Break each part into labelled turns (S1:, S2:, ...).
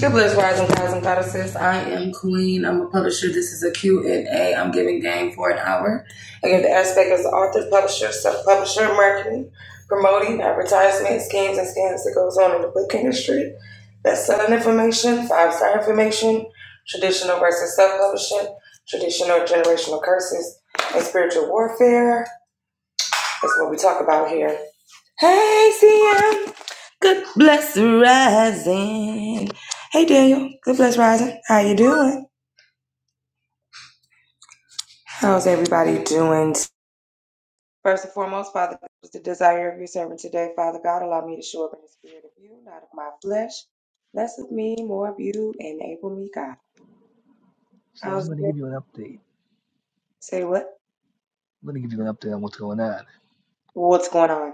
S1: Good bless rising guys and goddesses. I am Queen. I'm a publisher. This is a Q and A. am giving game for an hour. I give the aspect as the author, publisher, self publisher marketing, promoting, advertisement, schemes, and scams that goes on in the book industry. Best-selling information, five-star information, traditional versus self-publishing, traditional generational curses, and spiritual warfare. That's what we talk about here. Hey, CM. Good bless rising. Hey, Daniel. Good bless rising. How you doing? How's everybody doing? First and foremost, Father, this was the desire of your servant today. Father God, allow me to show up in the spirit of you, not of my flesh. Bless with me, more of you, enable me, God.
S2: So I'm
S1: How's it?
S2: going to
S1: going?
S2: give you an update.
S1: Say what?
S2: I'm going to give you an update on what's going on.
S1: What's going on?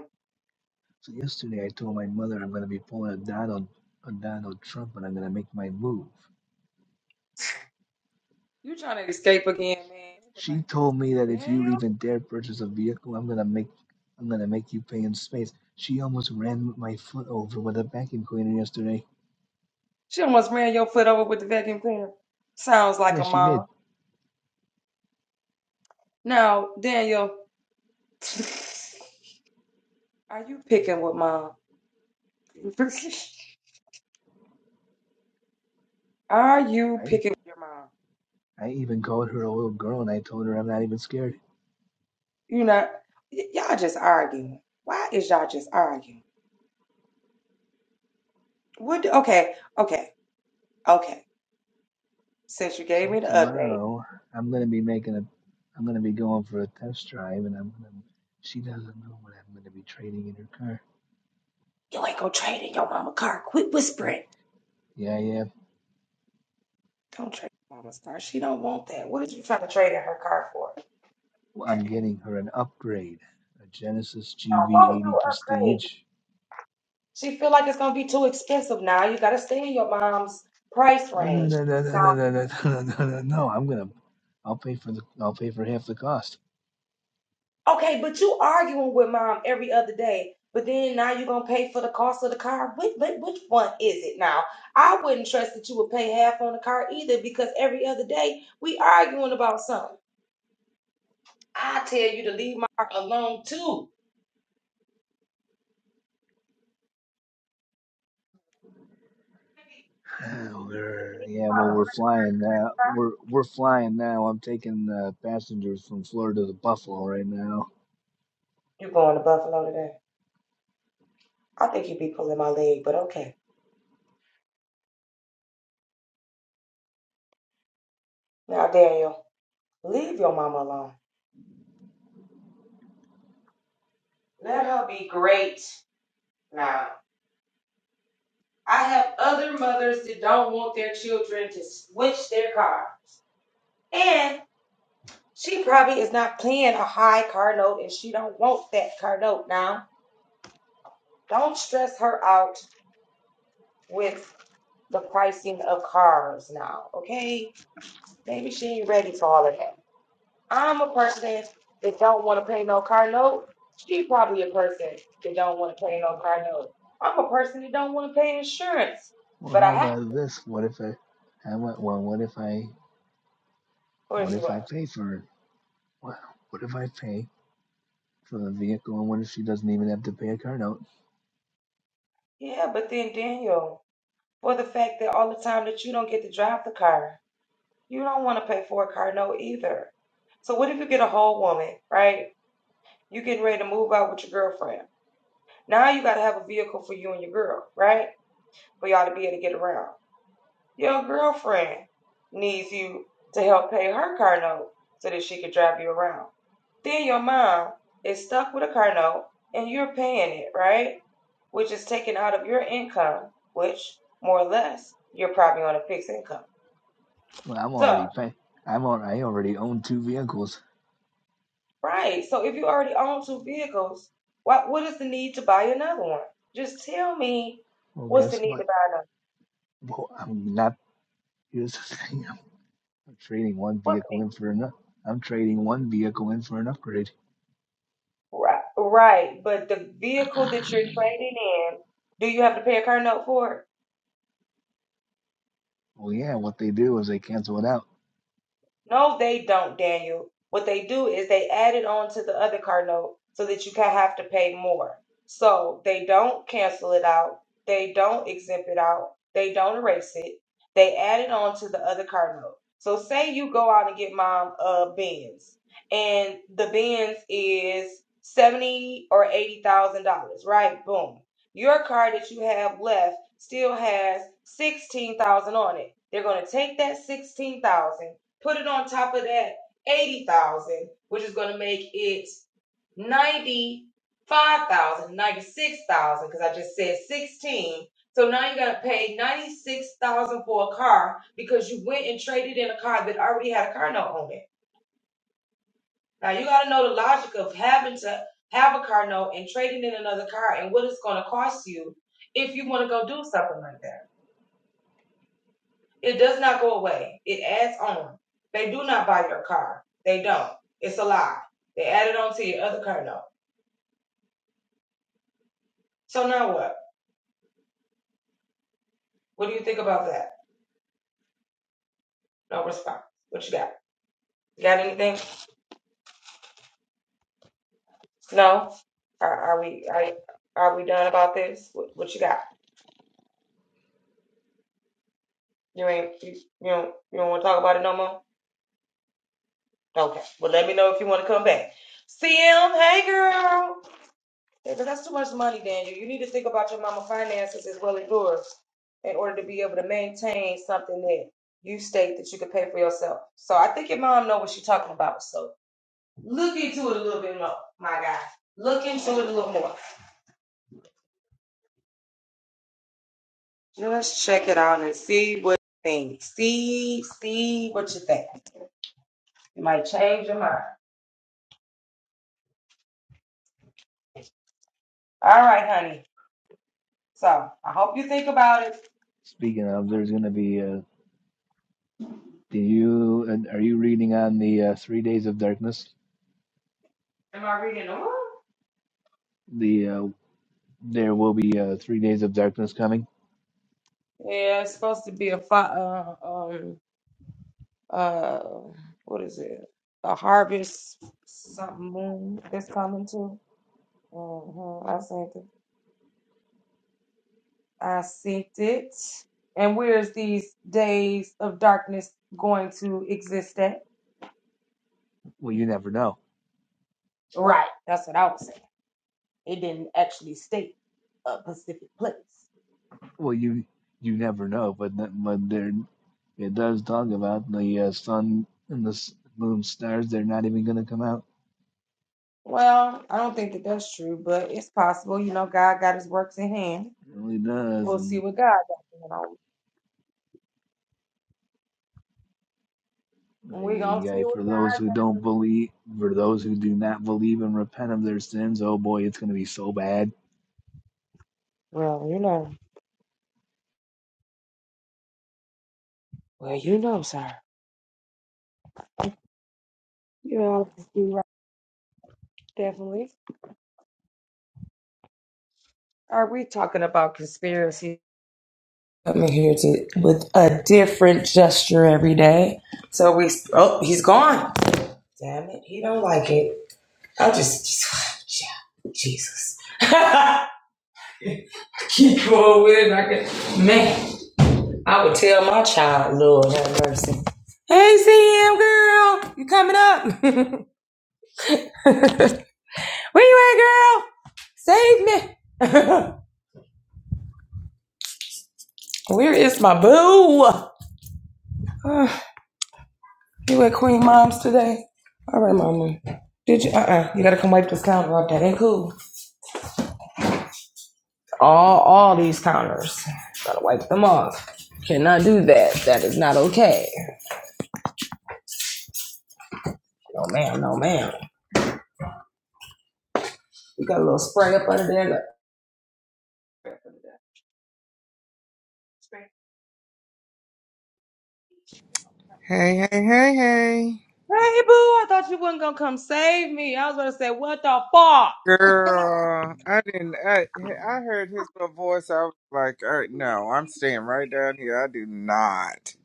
S2: So yesterday I told my mother I'm going to be pulling a Donald, a Donald Trump, and I'm going to make my move.
S1: You trying to
S2: Sh-
S1: escape again, man? Ain't Nobody
S2: She
S1: got
S2: told me that
S1: you.
S2: if you
S1: Daniel,
S2: even dare purchase a vehicle, I'm going to make, I'm going to make you pay in space. She almost ran my foot over with a vacuum cleaner yesterday.
S1: she almost ran your foot over with the vacuum cleaner. Sounds like
S2: Yeah,
S1: a
S2: she did.
S1: mom. Now, Daniel. Are you picking with mom? Are you
S2: I,
S1: picking with your mom?
S2: I even called her a little girl and I told her I'm not even scared.
S1: You not y- y'all just arguing. Why is y'all just arguing? What do- okay, okay, okay. Since you gave
S2: So
S1: me the update,
S2: tomorrow I'm gonna be making a I'm gonna be going for a test drive and I'm gonna she doesn't know what I'm gonna be trading in her car.
S1: you ain't gonna trade in your mama car. Quit
S2: Yeah,
S1: whispering.
S2: yeah, yeah.
S1: Don't trade mama's car. She don't want that. What is you trying to trade in her car for? She
S2: Well, I'm getting her an upgrade. A Genesis
S1: don't want
S2: GV80
S1: no upgrade.
S2: Prestige.
S1: She feel like it's gonna be too expensive now. You gotta stay in your mom's price
S2: No, no,
S1: range.
S2: no, no, no, no, no, no, no, no, no, no. no, I'm gonna I'll pay for the I'll pay for half the cost.
S1: Okay, but you arguing with mom every other day, but then now you're gonna pay for the cost of the car. Which, which, which one is it now? I wouldn't trust that you would pay half on the car either because every other day we arguing about something. I tell you to leave my car alone too.
S2: we're, yeah, well we're flying now. We're we're flying now. I'm taking uh, passengers from Florida to Buffalo right now.
S1: You going to Buffalo today? I think you'd be pulling my leg, but okay. Now Daniel, leave your mama alone. Let her be great now. I have other mothers that don't want their children to switch their car. And she probably is not paying a high car note and she don't want that car note now. Don't stress her out with the pricing of cars now, okay? Maybe she ain't ready for all of that. I'm a person that don't want to pay no car note. She probably a person that don't want to pay no car note. I'm a person that don't want to pay insurance,
S2: Well,
S1: but I
S2: how
S1: have.
S2: about this? What if I, how about, well, what if I,
S1: Or
S2: what
S1: is
S2: if
S1: what?
S2: I pay for, well, what if I pay for the vehicle and what if she doesn't even have to pay a car note?
S1: Yeah, but then Daniel. for the fact that all the time that you don't get to drive the car. You don't want to pay for a car note either. So what if you get a whole woman, right? You getting ready to move out with your girlfriend. Now you gotta have a vehicle for you and your girl, right? For y'all to be able to get around. Your girlfriend needs you to help pay her car note so that she can drive you around. Then your mom is stuck with a car note and you're paying it, right? Which is taken out of your income, which more or less you're probably on a fixed income.
S2: Well, I'm
S1: So,
S2: already pay, I'm al- I already own two vehicles.
S1: right. So if you already own two vehicles, what what is the need to buy another one? Just tell me
S2: Well,
S1: what's the
S2: guess
S1: need to
S2: what?
S1: buy another.
S2: Well, I'm not, here's the thing, I'm trading one
S1: What's the
S2: vehicle
S1: need?
S2: in for another. I'm trading one vehicle in for an upgrade.
S1: Right, right. But the vehicle that you're trading in, do you have to pay a car note for it?
S2: Well, yeah, what they do is they cancel it out.
S1: No, they don't, Daniel. What they do is they add it on to the other car note so that you can have to pay more. So they don't cancel it out. They don't exempt it out. They don't erase it. They add it on to the other car note. So say you go out and get mom a Benz, and the Benz is seventy or eighty thousand dollars, right? Boom. Your car that you have left still has sixteen thousand on it. They're gonna take that sixteen thousand Put it on top of that 80,000, which is going to make it ninety five thousand, because I just said 16. So now you're going to pay 96,000 for a car because you went and traded in a car that already had a car note on it. Now you got to know the logic of having to have a car note and trading in another car and what it's going to cost you if you want to go do something like that. It does not go away. It adds on. They do not buy your car. They don't. It's a lie. They added on to your other car note. So now what? What do you think about that? No response. What you got? You got anything? No. Are, are we are, are we done about this? What, what you got? You ain't you, you don't you don't want to talk about it no more? Okay. Well, let me know if you want to come back. CM, hey girl. Yeah, but that's too much money, Daniel. You need to think about your mama finances as well as yours in order to be able to maintain something that you state that you could pay for yourself. So I think your mom know what she's talking about. So look into it a little bit more, my guy. Look into it a little more. Let's check it out and see what you think. See, see what you think. You might change your mind. All right, honey. So I hope you think about it.
S2: Speaking of, there's going to be, uh, do you, and are you reading on the uh, Three Days of Darkness?
S1: Am I reading the room?
S2: The uh, there will be uh, three days of darkness coming.
S1: Yeah, it's supposed to be a fi- uh, um uh what is it a harvest something moon that's coming too hmm i sent it i sent it and where's these days of darkness going to exist at
S2: Well, you never know.
S1: right that's what i was saying it didn't actually state a specific place
S2: Well, you you never know, but th- but there it does talk about the uh, sun and the s- moon stars. They're not even going to come out.
S1: well i don't think that that's true but it's possible you know god got his works in hand
S2: It really does,
S1: we'll see
S2: and
S1: what god got going on we're gonna
S2: yeah,
S1: see what
S2: for those
S1: god
S2: who don't believe, for those who do not believe and repent of their sins, oh boy, it's going to be so bad.
S1: well you know well you know sir you know Definitely. Are we talking about conspiracy? I'm here to with a different gesture every day. So we. Oh, he's gone. Damn it! He don't like it. I just, just yeah, Jesus. Keep going with it. I can, man, I would tell my child, Lord have mercy. Hey, CM girl, you coming up? Where you at, girl? Save me. Where is my boo? You at Queen Mom's today? All right, Mama. Did you? Uh uh You gotta come wipe this counter off. That ain't cool. All all these counters. Gotta wipe them off. Cannot do that. That is not okay. No, ma'am. No, ma'am. You got a little spray up under there. Look.
S3: Hey, hey, hey, hey.
S1: Hey, boo. I thought you wasn't gonna come save me. I was gonna say, what the fuck?
S3: Girl, I didn't. I, I heard his little voice. I was like, uh, no, I'm staying right down here. I do not.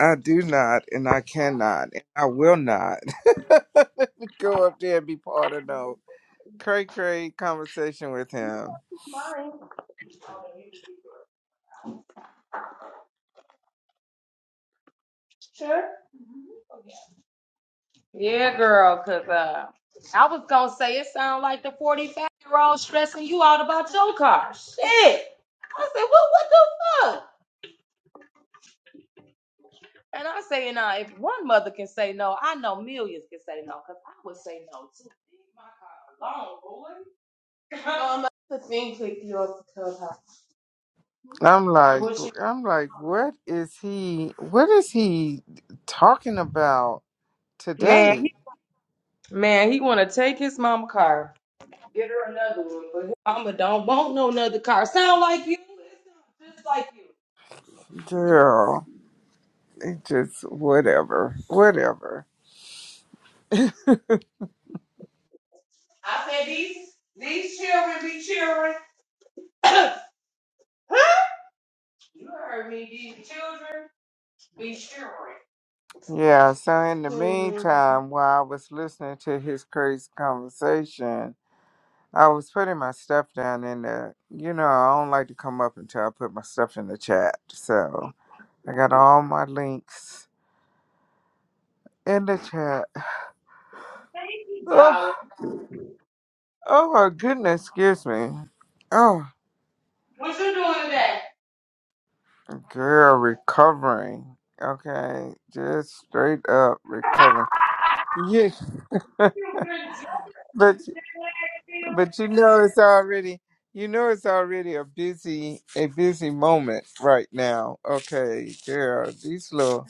S3: I do not, and I cannot, and I will not go up there and be part of no cray cray conversation with him.
S1: Sure. Yeah, girl. Cause uh, I was gonna say it sounded like the forty-five year old stressing you out about your car. Shit. I said, well, what the fuck? And I say, now, if one mother can say no, I know millions can say no, because I would say no too. Leave my car alone, boy. um, the thing clicked you off the clubhouse.
S3: I'm like,
S1: What you-
S3: I'm like, what is he? What is he talking about
S1: Man, he,
S3: today,
S1: man, he want to take his mama car. Get her another one, but his mama don't want no another car. Sound like you? It sound Just like you.
S3: girl? It just whatever, whatever.
S1: I said these these children be children. you heard me. These children be children.
S3: Yeah, so in the
S1: Mhm.
S3: meantime, while I was listening to his crazy conversation, I was putting my stuff down in the, you know, I don't like to come up until I put my stuff in the chat. So I got all my links in the chat.
S1: Thank you,
S3: Oh,
S1: darling.
S3: oh my goodness, excuse me. Oh,
S1: What you doing today?
S3: girl, recovering. Okay, just straight up recovering. Yes,
S1: You been to
S3: But
S1: jail?
S3: But you know it's already you know it's already a busy a busy moment right now. Okay, yeah, these little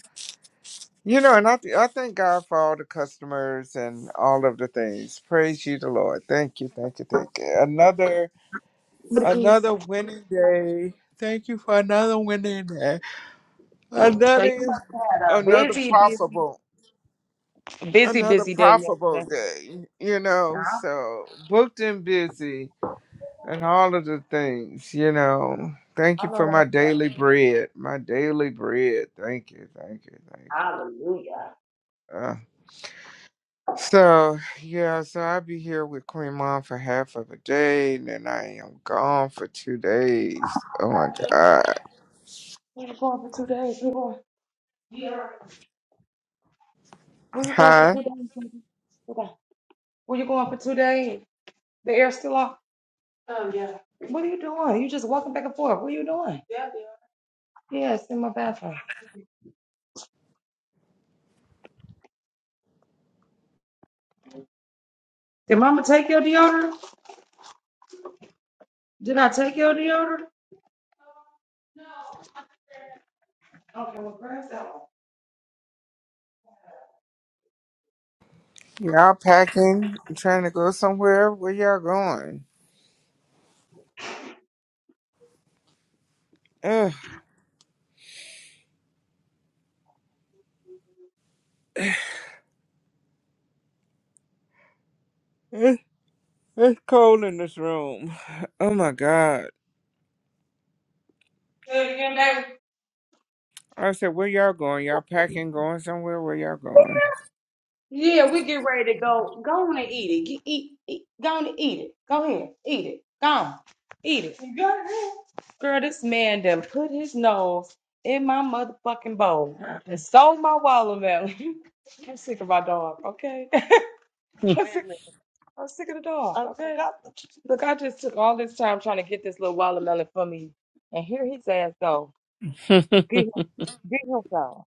S3: you know, and I th- I thank God for all the customers and all of the things. Praise you, the Lord. Thank you, thank you, thank you. Another another winning day. Thank you for another winning day.
S1: So you must
S3: Another
S1: have had a
S3: another
S1: busy, busy,
S3: profitable
S1: busy,
S3: another
S1: busy day
S3: profitable
S1: yesterday.
S3: day. You
S1: I,
S3: know, so booked and busy and all of the things, you know. Thank
S1: I
S3: you
S1: know
S3: for
S1: that's
S3: my
S1: right.
S3: daily bread. My daily bread. Thank you, thank you, thank
S1: Hallelujah.
S3: you. Uh, so, yeah, so I'll be here with Queen Mom for half of a day, and then I am gone for two days. Oh my God.
S1: Where you going for two days? Where you going, where you going for
S3: Huh?
S1: two days? baby? Okay. Where you going for two days? The air's still off. Oh yeah. What are you doing? You just walking back and forth. What are you doing? Yeah, yeah. Yeah, it's in my bathroom. Did mama take your deodorant? Did I take your deodorant? No. Okay, well, grab that one.
S3: Y'all packing? You trying to go somewhere? Where y'all going? Ugh, it- it's cold in this room. Oh my God.
S1: Say it again, baby.
S3: I said, where y'all going? Y'all packing, going somewhere? Where y'all going?
S1: Yeah, we get ready to go. Go on and eat it. Get, eat, eat. Go on and eat it. Go ahead. Eat it. Go on. Eat it. Go ahead, Girl, this man done put his nose in my motherfucking bowl and stole my watermelon. I'm sick of my dog, okay? I'm sick, I'm sick of the dog, okay? Okay. I, look, I just took all this time trying to get this little watermelon for me, and here his ass go. Get him, get him some.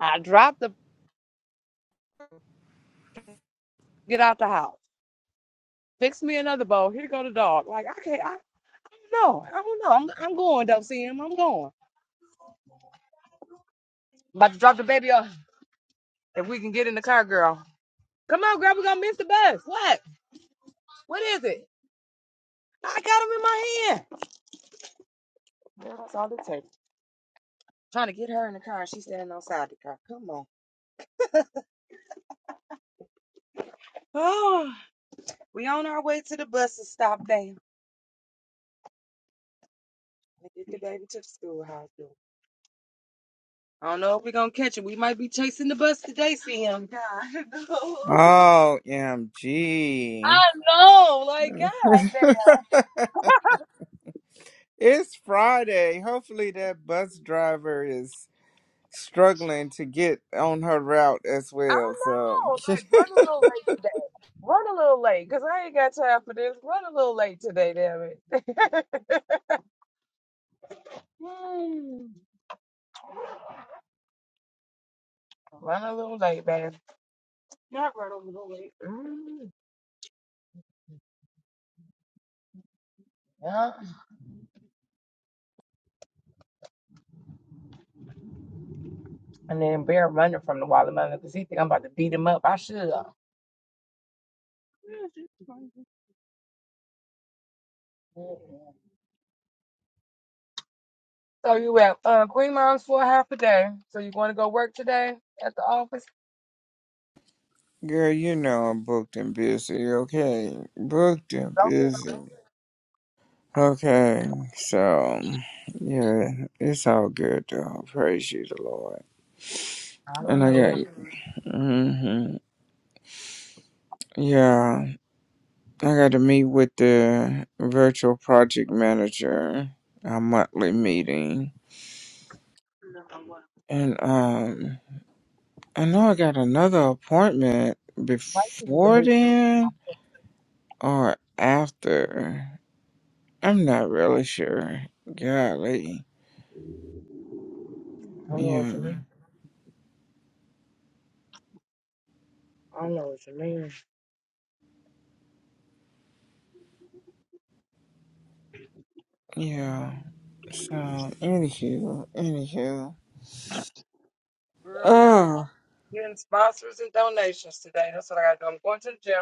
S1: I dropped the, get out the house. Fix me another bowl. Here go the dog. Like, I can't. No, I don't know. I'm I'm going though, Sam. I'm going. About to drop the baby off. If we can get in the car, girl. Come on, girl. We're gonna miss the bus. What? What is it? I got him in my hand. Girl, that's all it takes. Trying to get her in the car and she's standing outside the car. Come on. Oh, we on our way to the bus to stop there. And get the baby to the schoolhouse. girl. I don't know if we're gonna catch him. We might be chasing the bus today, Sam. God, no.
S3: Oh, M
S1: I
S3: G.
S1: know, like God, damn.
S3: it's Friday. Hopefully, that bus driver is struggling to get on her route as
S1: I
S3: well. So,
S1: don't like run a little late Run a little late, cause I ain't got time for this. Run a little late today, damn it. Mm. Run a little late, man. Not run a little late. Mm, yeah. And then Bear running from the watermelon because he think I'm about to beat him up. I should. Yeah, she's fine. Mm. So you at uh, Queen Mom's for half a day. So you going to go work today at the office?
S3: girl, you know I'm booked and busy, okay? Booked and
S1: Don't get.
S3: busy. Okay, so, yeah, it's all good, though. Praise you, the Lord.
S1: I
S3: And
S1: don't
S3: I
S1: know. Yeah.
S3: got you. hmm Yeah. I got to meet with the virtual project manager, our monthly meeting. And um I know I got another appointment
S1: Why you get the
S3: before
S1: boot?
S3: then or after. I'm not really sure. Golly.
S1: I don't know what
S3: Yeah.
S1: you mean. I don't know what you mean.
S3: Yeah. So anywho, anywho.
S1: Girl, we already
S3: Oh
S1: getting sponsors and donations today. That's what I got to do. I'm going to the gym.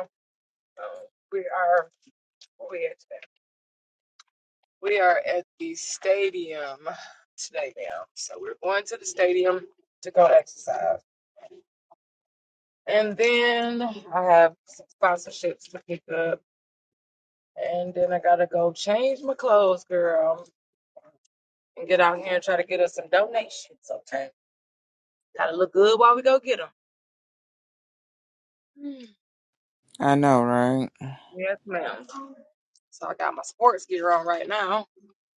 S1: So we are where we at today? We are at the stadium today now. So we're going to the stadium to go exercise. And then I have some sponsorships to pick up. And then I gotta go change my clothes, girl, and get out here and try to get us some donations, okay? Gotta look good while we go get them.
S3: I know, right?
S1: Yes, ma'am. So I got my sports gear on right now.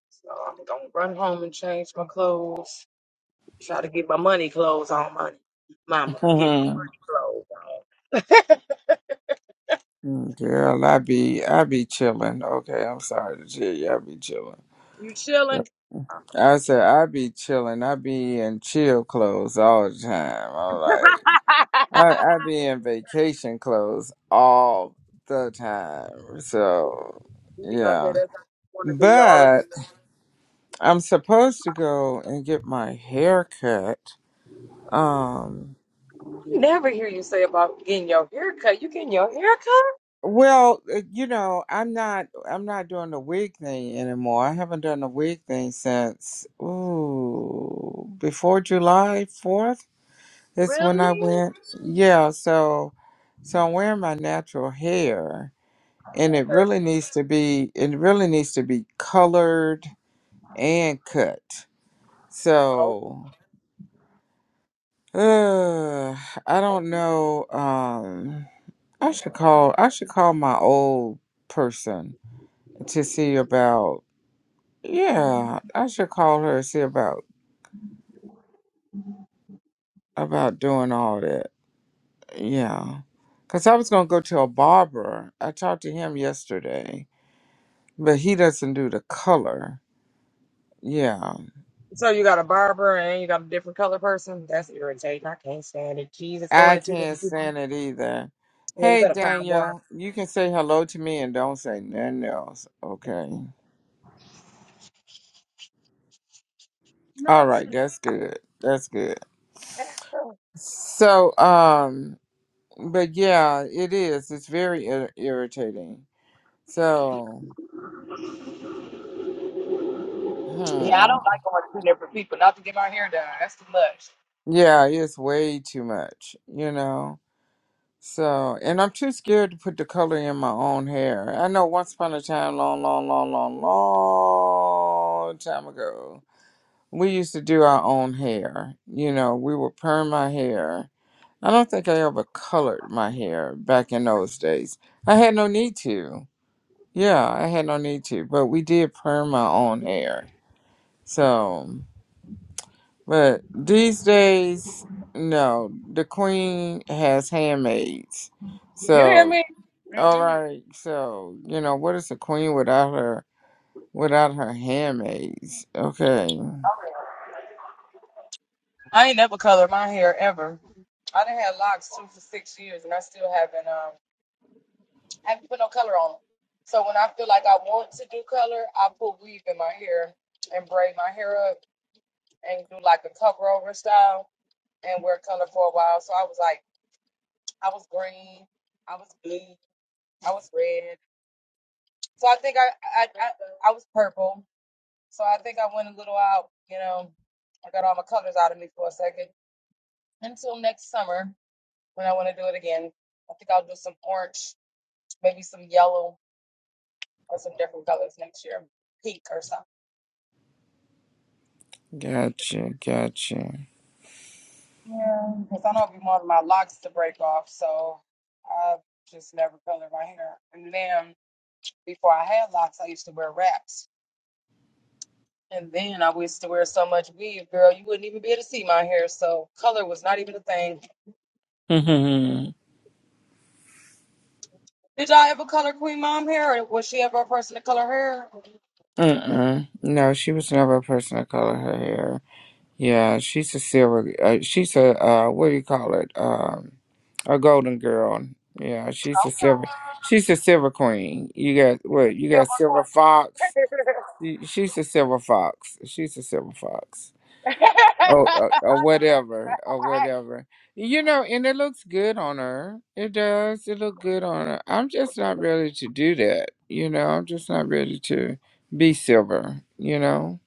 S1: So I'm gonna run home and change my clothes Try to get my money clothes on, money. Mama, get my money clothes on.
S3: Girl, I be I be chilling. Okay, I'm sorry to tell you, I be chilling.
S1: You chilling? I'm
S3: I said
S1: rich.
S3: I be chilling. I be in chill clothes all the time. I'm like I I be in vacation clothes all the time. So
S1: You be gonna say
S3: yeah.
S1: that's how you wanna be, y'all.
S3: But I'm supposed to go and get my hair cut. Um
S1: Never hear you say about getting your hair cut. You getting your hair cut?
S3: well, uh, you know, I'm not I'm not doing the wig thing anymore. I haven't done the wig thing since ooh before July 4th. It's when
S1: Really?
S3: I went. Yeah, so so I'm wearing my natural hair and it really needs to be it really needs to be colored and cut.
S1: Girl.
S3: So uh, I don't know. Um I should call I should call my old person to see about yeah, I should call her and see about about doing all that. Yeah. Cause I was gonna go to a barber. I talked to him yesterday but he doesn't do the color. Yeah,
S1: So you got a barber and you got a different color person? That's irritating. I can't stand it. Jesus,
S3: I
S1: going to two
S3: can't
S1: different people.
S3: stand it either.
S1: Yeah, you
S3: Hey,
S1: better find one.
S3: Daniel, you can say hello to me and don't say nothing else. Okay. All right,
S1: Nonsense.
S3: that's good. That's good. So, um, but yeah, it is. It's very ir- irritating. So,
S1: Yeah, I
S3: hmm.
S1: don't like going to two different people. Not to get my hair done. That's too much.
S3: Yeah, it's way too much, you know? So, and I'm too scared to put the color in my own hair. I know once upon a time, long, long, long, long, long time ago, we used to do our own hair. You know, we would perm my hair. I don't think I ever colored my hair back in those days. I had no need to. Yeah, I had no need to, but we did perm my own hair. So, but these days, no, the queen has handmaids.
S1: You hear
S3: So,
S1: me? Mm-mm.
S3: all right, so you know what is a queen without her without her handmaids? Okay,
S1: I ain't never colored my hair ever. I done had locks too for six years, and I still haven't um haven't put no color on 'em. So when I feel like I want to do color, I put weave in my hair and braid my hair up and do like a cover over style and wear color for a while. So I was like, I was green, I was blue, I was red. So I think I I I, I was purple. So I think I went a little out, you know. I got all my colors out of me for a second until next summer. when I want to do it again. I think I'll do some orange, maybe some yellow or some different colors next year, pink or something.
S3: gotcha, gotcha.
S1: Yeah, because I don't be wanting my locks to break off, so I just never colored my hair. And then before I had locks, I used to wear wraps. And then I used to wear so much weave, girl, you wouldn't even be able to see my hair. So color was not even a thing. Did y'all ever color Queen Mom hair, or was she ever a person to color hair?
S3: Mm-mm. No, she was never a person of color. Her hair, yeah, she's a silver. Uh, she's a uh, what do you call it? Um, a golden girl. Yeah, she's a silver. She's a silver queen. You got what? You got
S1: Silver
S3: silver
S1: going.
S3: fox. She- She's a silver fox. She's a silver fox. or, or, or whatever or whatever you know and it looks good on her it does it look good on her i'm just not ready to do that you know i'm just not ready to be silver you know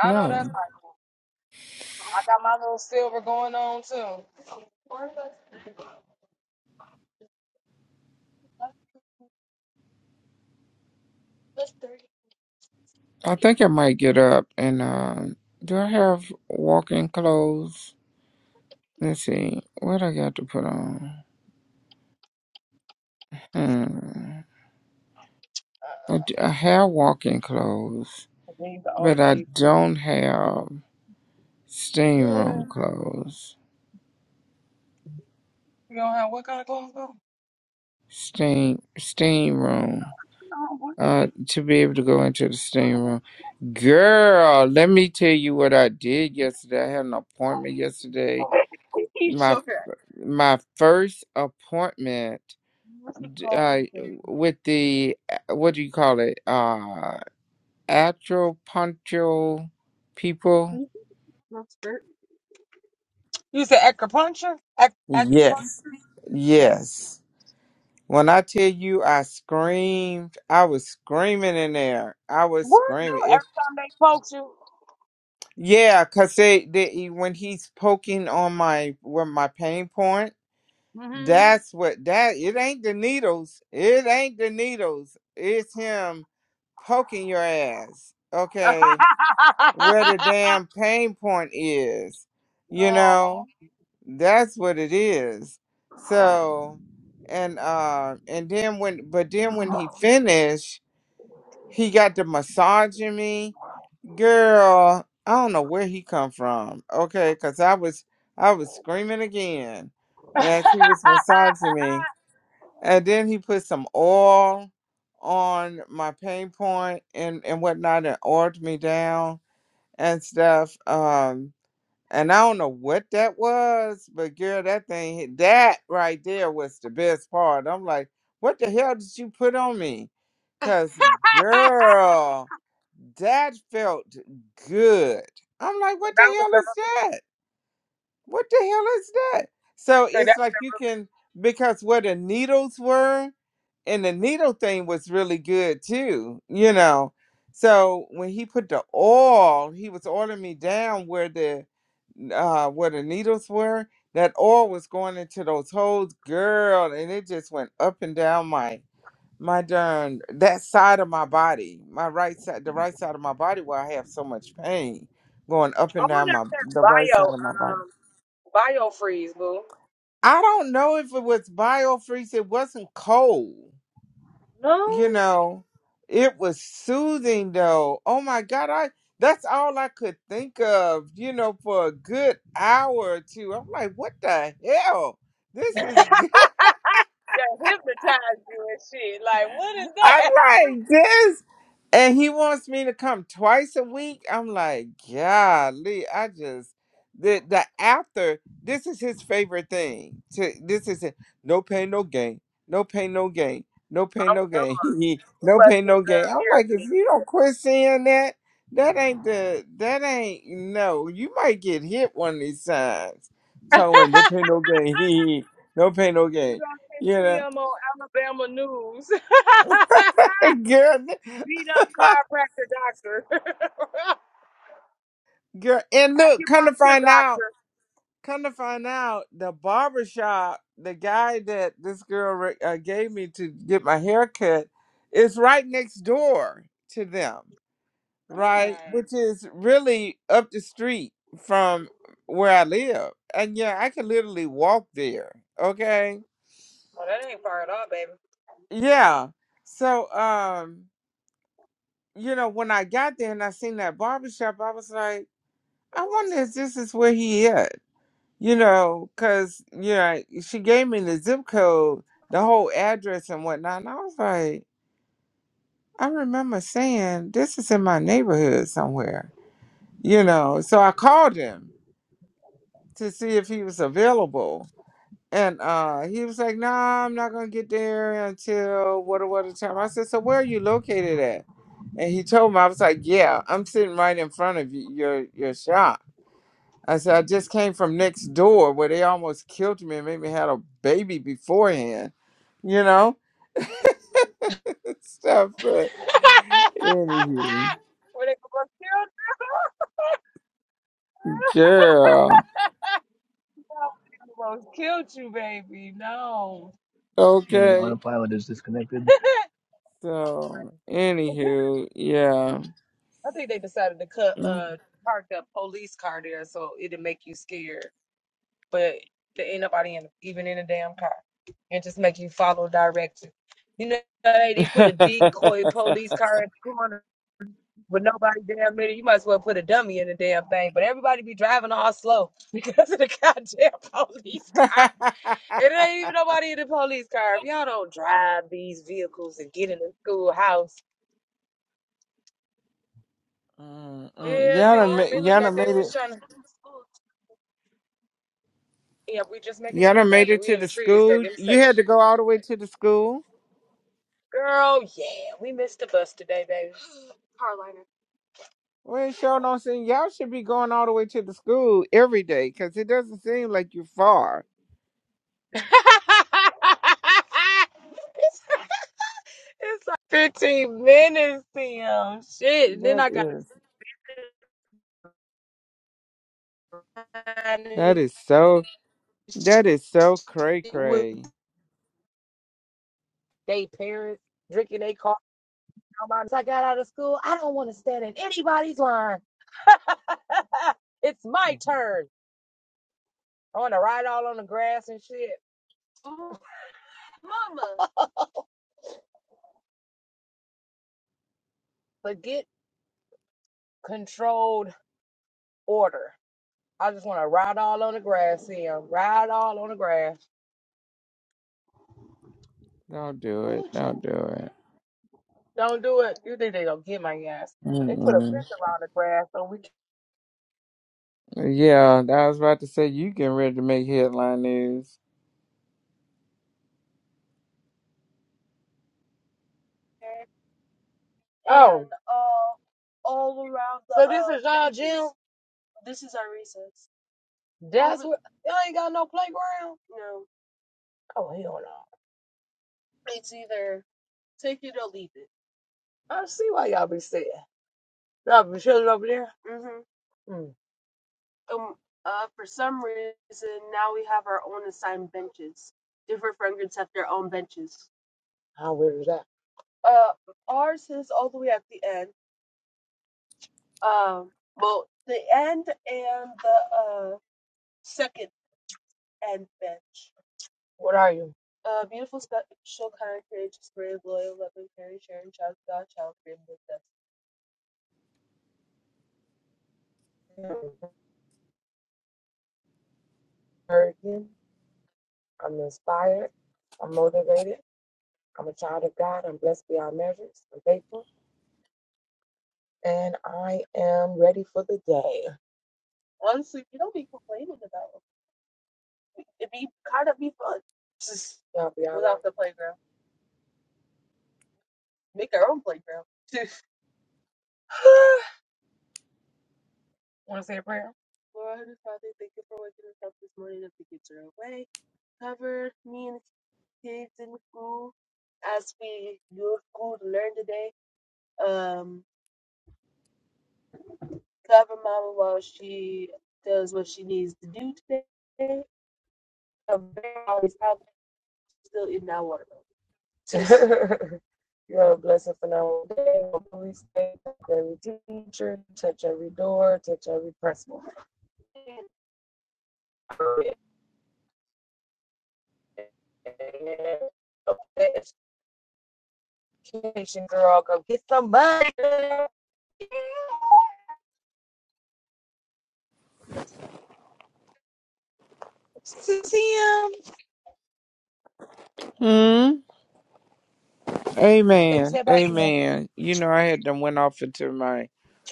S1: I know that's
S3: no
S1: right. I got my little silver going on too. Four of us left, just three.
S3: i think i might get up and um do i have walking clothes let's see what i got to put on hmm. I,
S1: Uh,
S3: d- I have walking clothes
S1: I need the older
S3: but i
S1: kid.
S3: don't have steam room
S1: Mm.
S3: clothes
S1: You don't have what kind of clothes on?
S3: Steam steam room.
S1: No, what
S3: Uh, to be able to go into the steam
S1: kind
S3: room, girl. Let me tell you what I did yesterday. I had an appointment yesterday.
S1: of He
S3: My
S1: shook her.
S3: my first appointment
S1: What's the
S3: d-
S1: call of the
S3: uh,
S1: thing?
S3: with the uh, what do you call it? Uh, acupuncture people.
S1: Little skirt. You said acupuncture? Ac- acupuncture?
S3: Yes,
S1: Yeah.
S3: yes. When I tell you I screamed, I was screaming in there. I was
S1: What? No,
S3: screaming.
S1: every time they poke you.
S3: Yeah, cause they, they when he's poking on my where my pain point,
S1: Mm-hmm.
S3: that's what that it ain't the needles. It ain't the needles. It's him poking your ass. Okay. Where the damn pain point is. You
S1: oh,
S3: know? That's what it is. So and uh and then when but then when he finished, he got to massaging me Girl, I don't know where he come from. Okay, cause I was I was screaming again as he was massaging me, and then he put some oil on my pain point and and whatnot, and oiled me down and stuff. Um, and I don't know what that was, but girl, that thing hit- that right there was the best part. I'm like, what the hell did you put on me? Cause girl. That felt good. I'm like, what the
S1: that was
S3: hell
S1: the
S3: is that? What the hell is that? So
S1: okay, that.
S3: it's like you can because where the needles were and the needle thing was really good too, you know. So when he put the oil, he was oiling me down where the uh where the needles were. That oil was going into those holes, girl, and it just went up and down my my darn that side of my body, my right side, the right side of my body where I have so much pain going up
S1: I
S3: and down
S1: wonder
S3: my
S1: if that's
S3: the right
S1: bio,
S3: side of my body.
S1: um, bio freeze, boo.
S3: I don't know if it was biofreeze. It wasn't cold,
S1: No.
S3: you know. It was soothing though. Oh my god, I that's all I could think of, you know, for a good hour or two. I'm like, what the hell? This is good.
S1: That hypnotized you and shit. Like, what is
S3: I'm
S1: that?
S3: like this, and he wants me to come twice a week. I'm like, golly, I just the the after. This is his favorite thing. To this is it. No pain, no gain. No pain, no gain. No pain,
S1: I'm
S3: no gain. He- no
S1: must
S3: pain,
S1: be
S3: no
S1: uh,
S3: gain. I'm like, if
S1: therapy.
S3: you don't quit saying that, that ain't the that ain't no. You might get hit one of these times. Talking about no pain, no gain. no pain, no
S1: You
S3: gain.
S1: don't
S3: You
S1: see
S3: know,
S1: him on Alabama news. Beat up
S3: girl.
S1: chiropractor doctor.
S3: Girl, and look, come to
S1: Acupuncture
S3: find
S1: doctor.
S3: out, come to find out, the barbershop the guy that this girl re- uh, gave me to get my hair cut, is right next door to them, right? Which is really up the street from where I live, and yeah, I can literally walk there. Okay,
S1: Well, that ain't far at all, baby.
S3: yeah. So, um, you know, when I got there and I seen that barbershop, I was like, I wonder if this is where he is. you know, because, you know, she gave me the zip code, the whole address and whatnot. And I was like, I remember saying, this is in my neighborhood somewhere, you know. So I called him to see if he was available. And uh, he was like, nah, I'm not going to get there until what a what a time. I said, so where are you located at? And he told me, I was like, yeah, I'm sitting right in front of you, your, your shop. I said, I just came from next door where they almost killed me and made me had a baby beforehand, you know? Stuff, but anywho,
S1: Where they gonna kill you?
S3: yeah,
S1: No, they almost killed you, baby. No.
S2: And
S3: okay.
S2: autopilot is disconnected.
S3: So, anywho, yeah.
S1: I think they decided to cut
S3: Mm-mm.
S1: uh park the police car there so it'd make you scared. but there ain't nobody in even in a damn car. It just make you follow directions. You know they they put a decoy police car in the corner with nobody damn in it. You might as well put a dummy in the damn thing. But everybody be driving all slow because of the goddamn police car. And there ain't even nobody in the police car. If y'all don't drive these vehicles and get in the schoolhouse. oh, Yeah,
S3: Y'all
S1: they're see, all
S3: done ma-
S1: I mean, look
S3: y'all
S1: like
S3: done
S1: they
S3: made
S1: police was
S3: it.
S1: trying to. officers. Yeah, we just making it
S3: Y'all
S1: here,
S3: done made
S1: baby.
S3: it
S1: We
S3: to
S1: in the
S3: the
S1: trees, though.
S3: school.
S1: Give me a
S3: You
S1: second.
S3: had to go all the way to the school.
S1: Girl, yeah, we missed the bus today, baby. Carolina.
S3: We ain't showing no sense. Y'all should be going all the way to the school every day because it doesn't seem like you're far.
S1: it's, like 15 minutes, Tim. Shit. And then
S3: That
S1: I got to
S3: is. That
S1: stand
S3: is so. That is so cray
S1: with
S3: cray.
S1: they parents drinking their coffee. i I got out of school. I don't want to stand in anybody's line. it's my
S3: Mm-hmm.
S1: turn. I want to ride all on the grass and shit. Mama. Forget controlled order. I just want to ride all on the grass, Sam. Ride all on the grass.
S3: Don't do it.
S1: Oh, Jen.
S3: Don't do it.
S1: Don't do it. You think they don't get my ass? They put a
S3: Mm-mm.
S1: fence around the grass, so we. Can-
S3: Yeah, I was about to say you getting ready to make headline news.
S1: And oh, And, uh, all around the so this uh is y'all gym? This is our recess. That's what. Y'all ain't got no playground. No, Oh hell no. it's either take it or leave it. I see why y'all be saying. Y'all be chilling over there. mm Mhm. um, uh, for some reason now we have our own assigned benches. Different friend groups have their own benches. How weird is that? Uh, ours is all the way at the end. Um, well, the end and the uh second end bench. What are you? Uh, beautiful, special, kind, courageous, brave, loyal, loving, caring, sharing, child, of God, child, free, and with I'm encouraging. I'm inspired. I'm motivated. I'm a child of God. I'm blessed beyond measures. I'm faithful. and I am ready for the day. Honestly, you don't be complaining about it. It be kind of be fun. Just Y'all be all without right. the playground. Make our own playground. Want to say a prayer? Lord, Heavenly Father, thank you for waking us up this morning as the kids are away. Cover me and the kids in the school as we go to school to learn today. Um, cover Mama while she does what she needs to do today. Cover all these problems still in our watermelon. Yo, bless a and our day, our police touch every teacher, touch every door, touch every person. Education, girl, go get some money. See him.
S3: Hmm.
S1: Baby
S3: Amen.
S1: said bye, see him.
S3: Amen. You know, I had done went off into my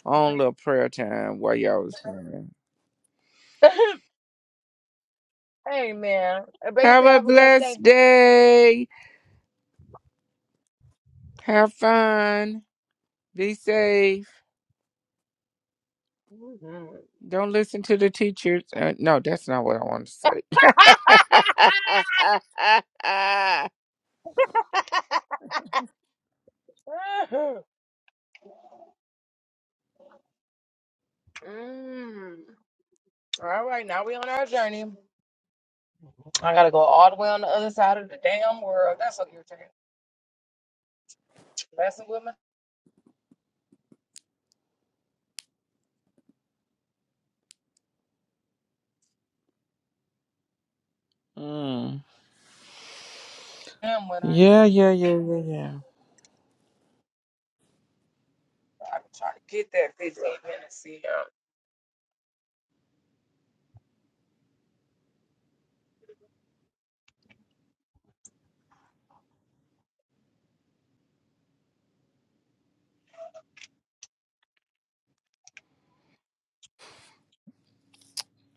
S3: own little prayer time while y'all was praying.
S1: hey, man. Uh, Baby
S3: Have
S1: said
S3: a
S1: have a blessed day.
S3: blessed day. Have fun. Be safe.
S1: Mhm.
S3: Don't listen to the teachers. Uh, no, that's not what I want to say.
S1: all right, now we on our journey. I gotta go all the way on the other side of the damn world. That's so irritating. messing with my
S3: mm.
S1: him when I
S3: Yeah, yeah, yeah, yeah, yeah.
S1: I be trying to get that 15 minutes see him.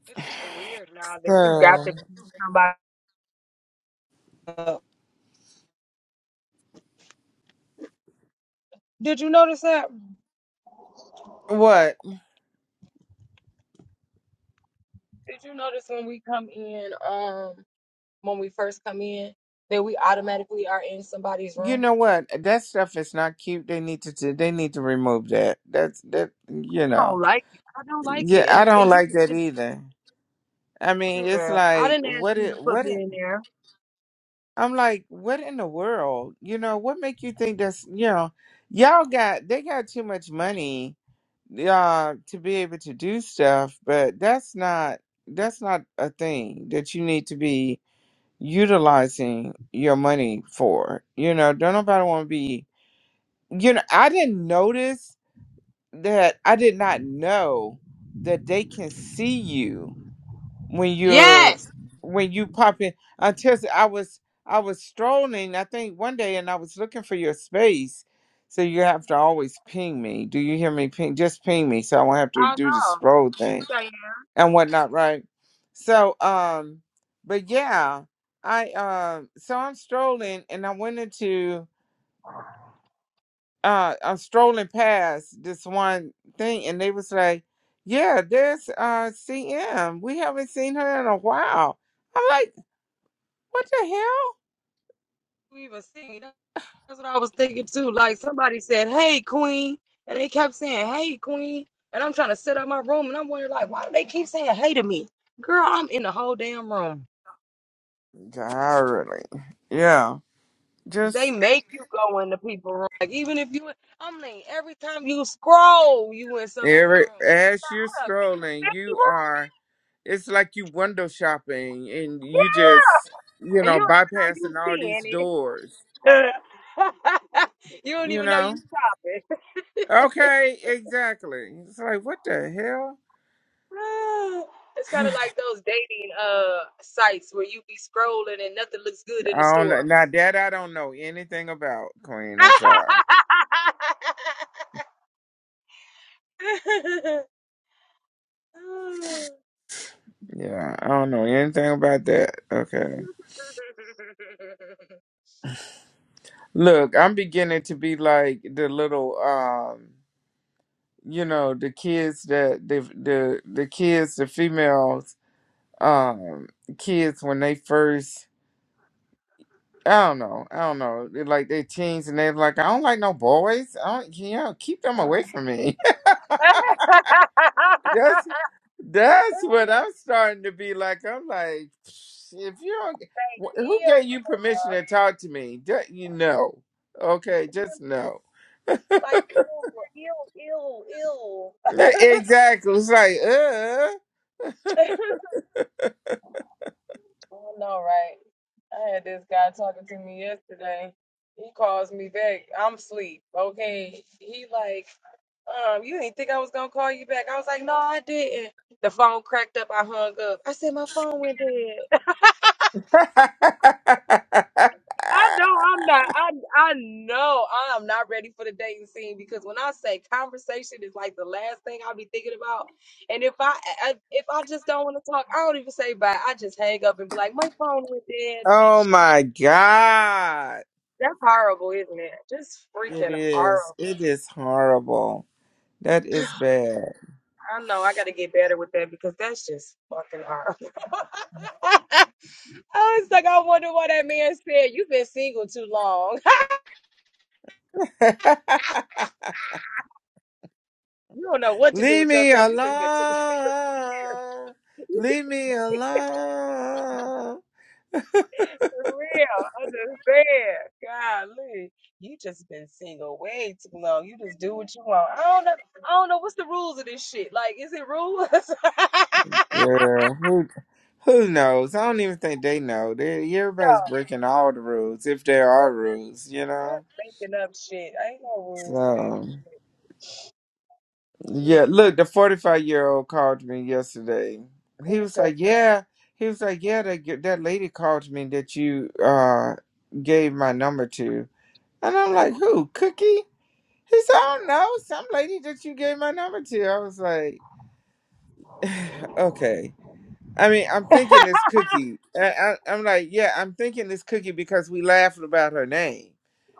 S1: It's so weird now that you got to
S3: So
S1: pick somebody up. Did you notice that?
S3: what?
S1: Did you notice when we come in, um, when we first come in, that we automatically are in somebody's
S3: You
S1: room?
S3: know what? That stuff is not cute. They need to. t- They need to remove that. That's that. You
S1: I don't
S3: know.
S1: like it. I don't like
S3: Yeah,
S1: it.
S3: I
S1: And
S3: don't
S1: and you,
S3: like that either. I mean,
S1: and,
S3: it's
S1: uh, I
S3: like
S1: didn't ask
S3: what?
S1: you to
S3: It
S1: put
S3: what?
S1: me in there.
S3: I'm like, what in the world? You know, what make you think that's you know, y'all got they got too much money uh to be able to do stuff, but that's not that's not a thing that you need to be utilizing your money for. You know, don't nobody want to be you know, I didn't notice that I did not know that they can see you when you're
S1: Yes.
S3: when you pop in I tell you, I was I was strolling, I think one day and I was looking for your space. So you have to always ping me. Do you hear me ping just ping me so I won't have to
S1: I
S3: do the
S1: know.
S3: stroll thing
S1: Like,
S3: and whatnot, right? So um but yeah, I um so I'm strolling and I went into uh I'm strolling past this one thing and they was like, Yeah, there's uh CM. We haven't seen her in a while. I'm like. What the hell?
S1: you even see. That's what I was thinking too. Like somebody said, "Hey, Queen," and they kept saying, "Hey, Queen," and I'm trying to set up my room, and I'm wondering, like, why do they keep saying "Hey" to me? Girl, I'm in the whole damn room.
S3: Entirely. Yeah.
S1: They
S3: Just
S1: make you go in the people room. Like even if you, i mean, every time you scroll, you in somebody's
S3: every
S1: room,
S3: as you're strolling, you are it's like you window shopping and you just you
S1: and you
S3: know,
S1: don't even know
S3: bypassing
S1: you
S3: all
S1: seeing
S3: these
S1: it.
S3: doors.
S1: you don't
S3: You
S1: even know
S3: know?
S1: you shopping.
S3: Okay, exactly. It's like what the hell?
S1: Ah, it's kind of like those dating uh sites where you be scrolling and nothing looks good in the
S3: I don't
S1: store.
S3: know. Now that I don't know anything about, Queen. I'm
S1: ew,
S3: sorry. Yeah, I don't know anything about that. Okay. Look, I'm beginning to be like the little um you know the kids that the the the kids the females um kids when they first I don't know I don't know they're like they teens and they're like I don't like no boys I don't you know keep them away from me that's that's what I'm starting to be like I'm like if you don't wh- who gave you permission to talk to me Ju- you know okay just no
S1: like ew, ew, ew, ew.
S3: exactly it's like
S1: I don't know, right? I had this guy talking to me yesterday. He calls me back. I'm asleep. Okay. He like, um, you didn't think I was gonna call you back. I was like, no, I didn't. The phone cracked up. I hung up. I said my phone went dead.
S3: uh
S1: I know I'm not. I I know I'm not ready for the dating scene because when I say conversation is like the last thing I'll be thinking about, and if I, I if I just don't want to talk, I don't even say bye. I just hang up and be like, my phone went dead.
S3: Oh my God.
S1: That's horrible, isn't it? Just
S3: It
S1: freaking
S3: is.
S1: horrible.
S3: It is horrible. That is bad.
S1: I know I got to get better with that because that's just fucking horrible. I was like, I wonder why that man said you've been single too long. you don't know what to do
S3: Leave
S1: with
S3: me
S1: yourself. You just been too.
S3: alone. Leave me alone.
S1: For real, understand. Golly, you just been single way too long. You just do what you want. I don't know. I don't know what's the rules of this shit. Like, is it rules? I'm
S3: Yeah, who who knows? I don't even think they know. They, everybody's breaking all the rules, if there are rules, you know.
S1: Making up shit. I ain't no rules to this.
S3: So.
S1: Mm,
S3: Yeah, look, the 45 year old called me yesterday.
S1: What
S3: He
S1: is
S3: was
S1: that?
S3: like,
S1: for?
S3: Yeah, he was like, Yeah, that, g- that lady called me that you uh gave my number to. And I'm like, Who, Cookie? He said, I don't know, some lady that you gave my number to. I was like, Okay. I mean, I'm thinking it's Cookie. I, I, I'm like, Yeah, I'm thinking it's Cookie because we laughed about her name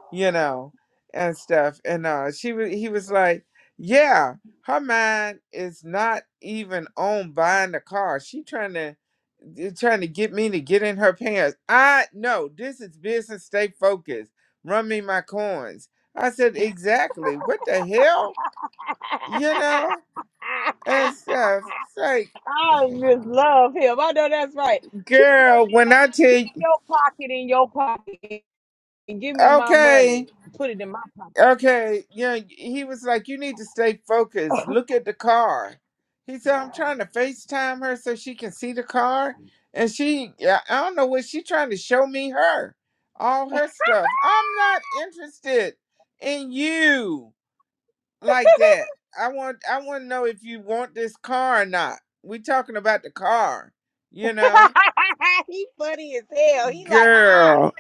S3: you know, and stuff. And uh, she was, he was like, yeah, her mind is not even on buying the car. She trying to they're trying to get me to get in her pants. I no, this is business. Stay focused. Run me my coins. I said exactly. What the hell, you know, and stuff. It's
S1: I
S3: like,
S1: just love. I know that's right. Keep
S3: girl, when I tell you,
S1: your.
S3: okay. Okay, yeah, he was like, "You need to stay focused. Look at the car." He said, "I'm trying to FaceTime her so she can see the car, and she, yeah, I don't know what she trying to show me her, all her stuff. I'm not interested in you like that. I want, I want to know if you want this car or not. We talking about the car, you know,
S1: he funny as hell. He like, uh, uh
S3: girl.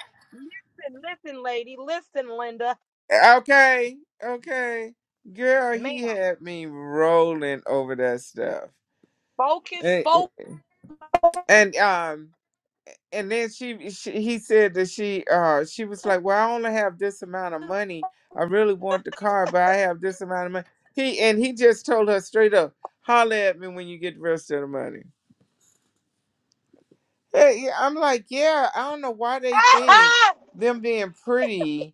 S1: Listen, listen, lady. Listen, Linda.
S3: Okay, okay, girl.
S1: Ma'am,
S3: He had me rolling over that stuff."
S1: focus,
S3: and,
S1: focus.
S3: and um and then she, she he said that she uh she was like well i only have this amount of money i really want the car but i have this amount of money he and he just told her straight up holler at me when you get the rest of the money Hey, yeah, i'm like yeah i don't know why they think them being pretty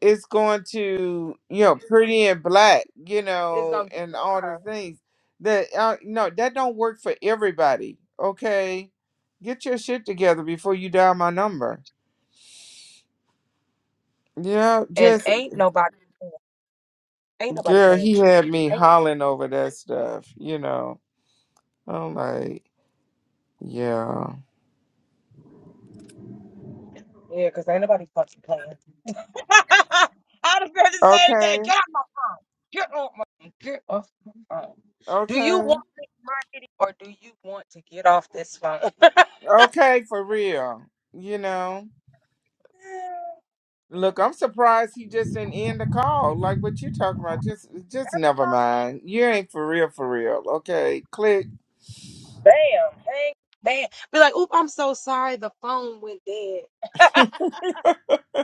S3: it's going to you know pretty and black you
S1: It's
S3: know
S1: gonna get
S3: and
S1: you a
S3: all the
S1: curve.
S3: things that uh, no that don't work for everybody okay get your shit together before you dial my number yeah
S1: And
S3: just
S1: ain't nobody, ain't nobody
S3: girl
S1: playing
S3: he
S1: with
S3: had
S1: you.
S3: me hollering over that stuff you know i'm like yeah
S1: Yeah, because ain't nobody fucking playing. I'd have said the same thing.
S3: okay
S1: Get off my, get off my, get off my phone. Do you
S3: okay
S1: want this marketing or do you want to get off this phone?
S3: okay for real you know Look, I'm surprised he just didn't end the call. Like what you talking about? Just, just never mind. You ain't for real, for real. Okay, click.
S1: Bam, hang, bam. Be like, oop, I'm so sorry. The phone went dead.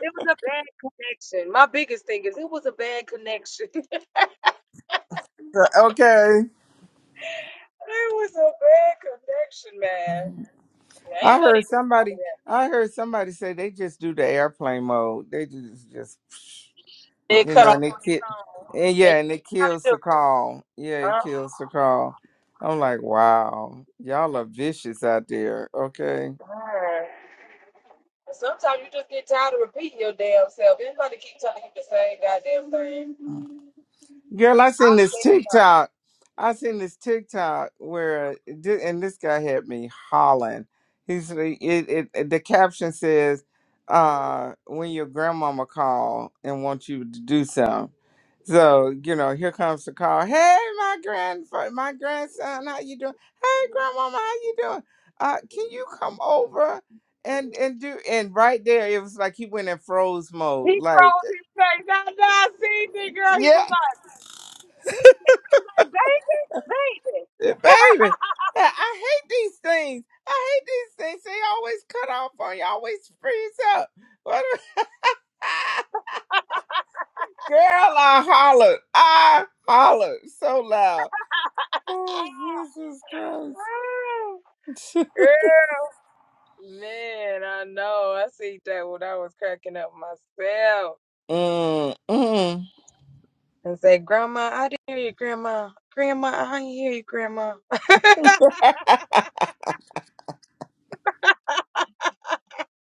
S1: It was a bad connection. My biggest thing is it was a bad connection. it
S3: Okay.
S1: was a bad connection, man. Yeah, ain't
S3: I
S1: nobody
S3: heard
S1: doing all of
S3: somebody.
S1: that.
S3: I heard somebody say they just do the airplane mode. They just, just
S1: It
S3: you
S1: cut
S3: know,
S1: off
S3: and they
S1: on
S3: kill.
S1: your phone.
S3: And
S1: And
S3: yeah, and it kills
S1: you
S3: the call. Yeah, it
S1: do,
S3: kills the call. I'm like, wow, y'all are vicious out there. Okay.
S1: huh? And Sometimes you just get tired of repeating your damn self. Anybody keep telling you the same goddamn thing?
S3: Girl, I
S1: I
S3: seen this
S1: think so.
S3: TikTok. I seen this TikTok where, thi- and this guy had me hollering. He's it, it, it- the caption says, uh, "When your grandmama call and want you to do something." So you know, here comes the call. Hey, my grand, my grandson, how you doing? Hey, grandmama, how you doing? Uh, can you come over and and do? And right there, it was like he went in froze mode. Like,
S1: Girl, he
S3: yeah.
S1: was like,
S3: Baby, I I hate these things. I hate these things. They always cut off on you, always freeze up. What a- Girl, I hollered. I hollered so loud. Oh, Jesus Christ.
S1: "Mm, girl, Yeah. man, I know. I see that when I was cracking up myself
S3: mm, mm.
S1: and say, Grandma, I didn't hear you, Grandma. Grandma, I didn't hear you, Grandma.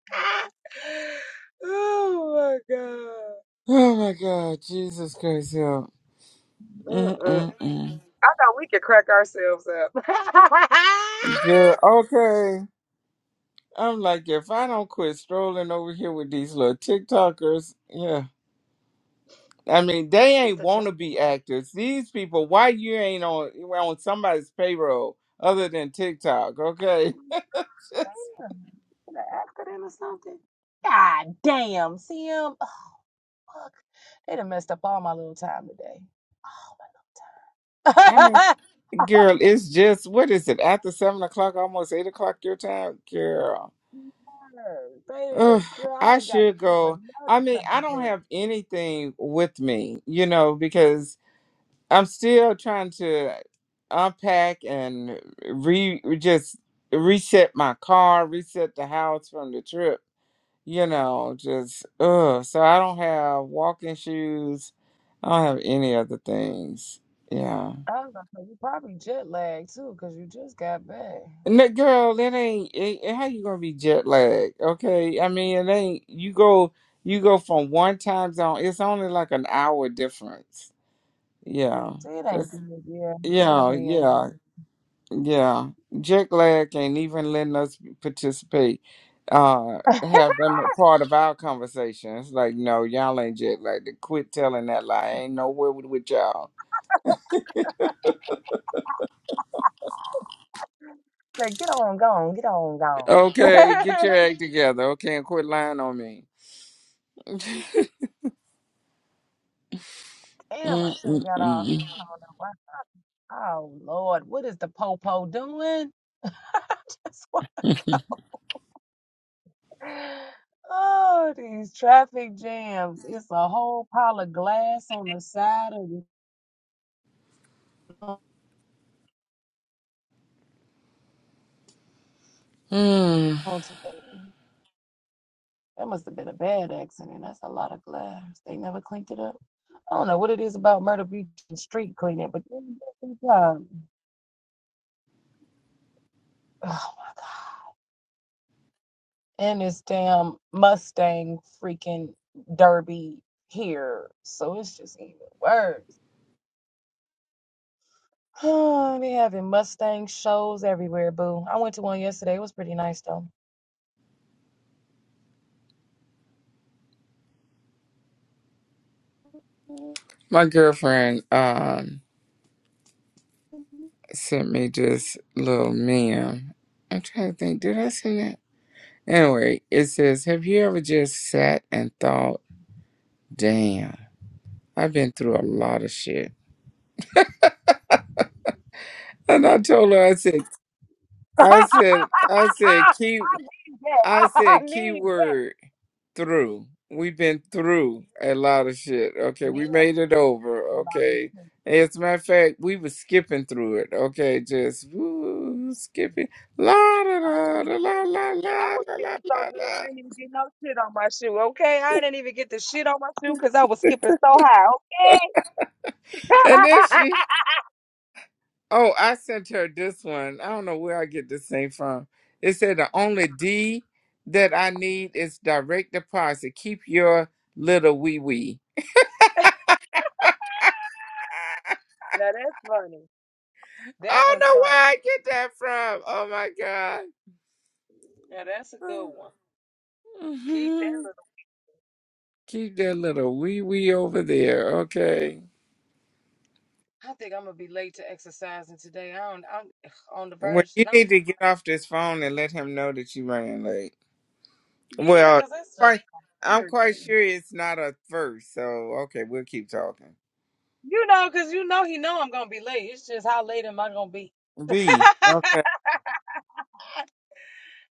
S1: oh my God.
S3: Oh, my God. Jesus Christ, help. Mm,
S1: Mm-mm.
S3: mm,
S1: I thought we could crack ourselves up.
S3: mm. Girl, okay. I'm like, if I don't quit strolling over here with these little TikTokers, yeah. I mean, they
S1: what is
S3: ain't
S1: the
S3: want to be
S1: track?
S3: actors. These people, why you ain't on on somebody's payroll other than TikTok? Okay,
S1: Damn, an accident or something? God damn, see him? Fuck, they done messed up all my little time today.
S3: I mean, girl, it's just what is it after seven o'clock, almost eight o'clock your time, girl.
S1: Nerves. They
S3: Ugh,
S1: done, girl, I
S3: I
S1: done got to
S3: should
S1: do
S3: go.
S1: another
S3: I mean, I
S1: second
S3: don't
S1: damn.
S3: have anything with me, you know, because I'm still trying to unpack and re just reset my car, reset the house from the trip you know, just ugh. So I don't have walking shoes. I don't have any other things. Yeah,
S1: I was gonna say, you probably jet lagged too, because you just got back.
S3: and that girl, that ain't it, it- how you gonna be jet lagged. Okay, I mean it ain't. You go, you go from one time zone. It's only like an hour difference. Yeah,
S1: See, it ain't
S3: it's,
S1: good, yeah. It
S3: yeah,
S1: definitely ain't
S3: yeah.
S1: good.
S3: Yeah, Jack Glad ain't even letting us participate, uh, have them a part of our conversation. It's like, no, y'all ain't Jack Glad. Quit telling that lie. I ain't nowhere with, with y'all.
S1: Say, get on, gone, get on, gone.
S3: Okay, get your act together. Okay, and quit lying on me.
S1: Damn, I should have got off.
S3: Mm-mm-mm.
S1: I don't know why. Oh, Lord, what is the popo doing? Just Oh, these traffic jams. It's a whole pile of glass on the side of the
S3: Mm.
S1: road today. That must have been a bad accident. That's a lot of glass. They never cleaned it up. I don't know what it is about Myrtle Beach and street cleaning, but they do a good job. oh my god. And this damn Mustang freaking derby here. So it's just even worse. they having Mustang shows everywhere, boo. I went to one yesterday. It was pretty nice though.
S3: My girlfriend um sent me this little meme. I'm trying to think, did I send that? Anyway, it says, "Have you ever just sat and thought, damn?" I've been through a lot of shit. And I told her, I said, I said, I said,
S1: Ah,
S3: key,
S1: yeah,
S3: I
S1: I
S3: said,
S1: mean,
S3: keyword through. We've been through a lot of shit. Okay,
S1: yeah,
S3: we made it over. Okay. As a matter of fact, we were skipping through it. Okay, just woo, skipping. La da
S1: I ain't
S3: da
S1: even
S3: da
S1: get
S3: la
S1: no.
S3: la la
S1: I was
S3: la la
S1: skipping so
S3: la
S1: good,
S3: la.
S1: I ain't even get no shit on my shoe. Okay, I didn't even get the shit on my shoe because I was skipping so high.
S3: And then
S1: Okay?
S3: she Oh, I sent her this one. I don't know where I get this thing from. It said the only D that I need is direct deposit. Keep your little wee wee.
S1: now that's funny. That
S3: I don't
S1: one's
S3: know where
S1: funny.
S3: I get that from. Oh my God.
S1: Yeah, that's a good one. Keep that
S3: Mhm. Keep that little wee wee over there. Okay.
S1: little. I think I'm gonna be late to exercising today. I don't. I'm ugh, on the
S3: Well,
S1: verge
S3: you
S1: that I'm
S3: need
S1: going.
S3: to get off this phone and let him know that you ran late.
S1: Yeah,
S3: Well,
S1: because that's just
S3: quite, I'm quite
S1: irritating.
S3: sure it's not a first. So, okay, we'll keep talking.
S1: You know, because you know he know I'm gonna be late. It's just how late am I gonna be?
S3: B. Okay.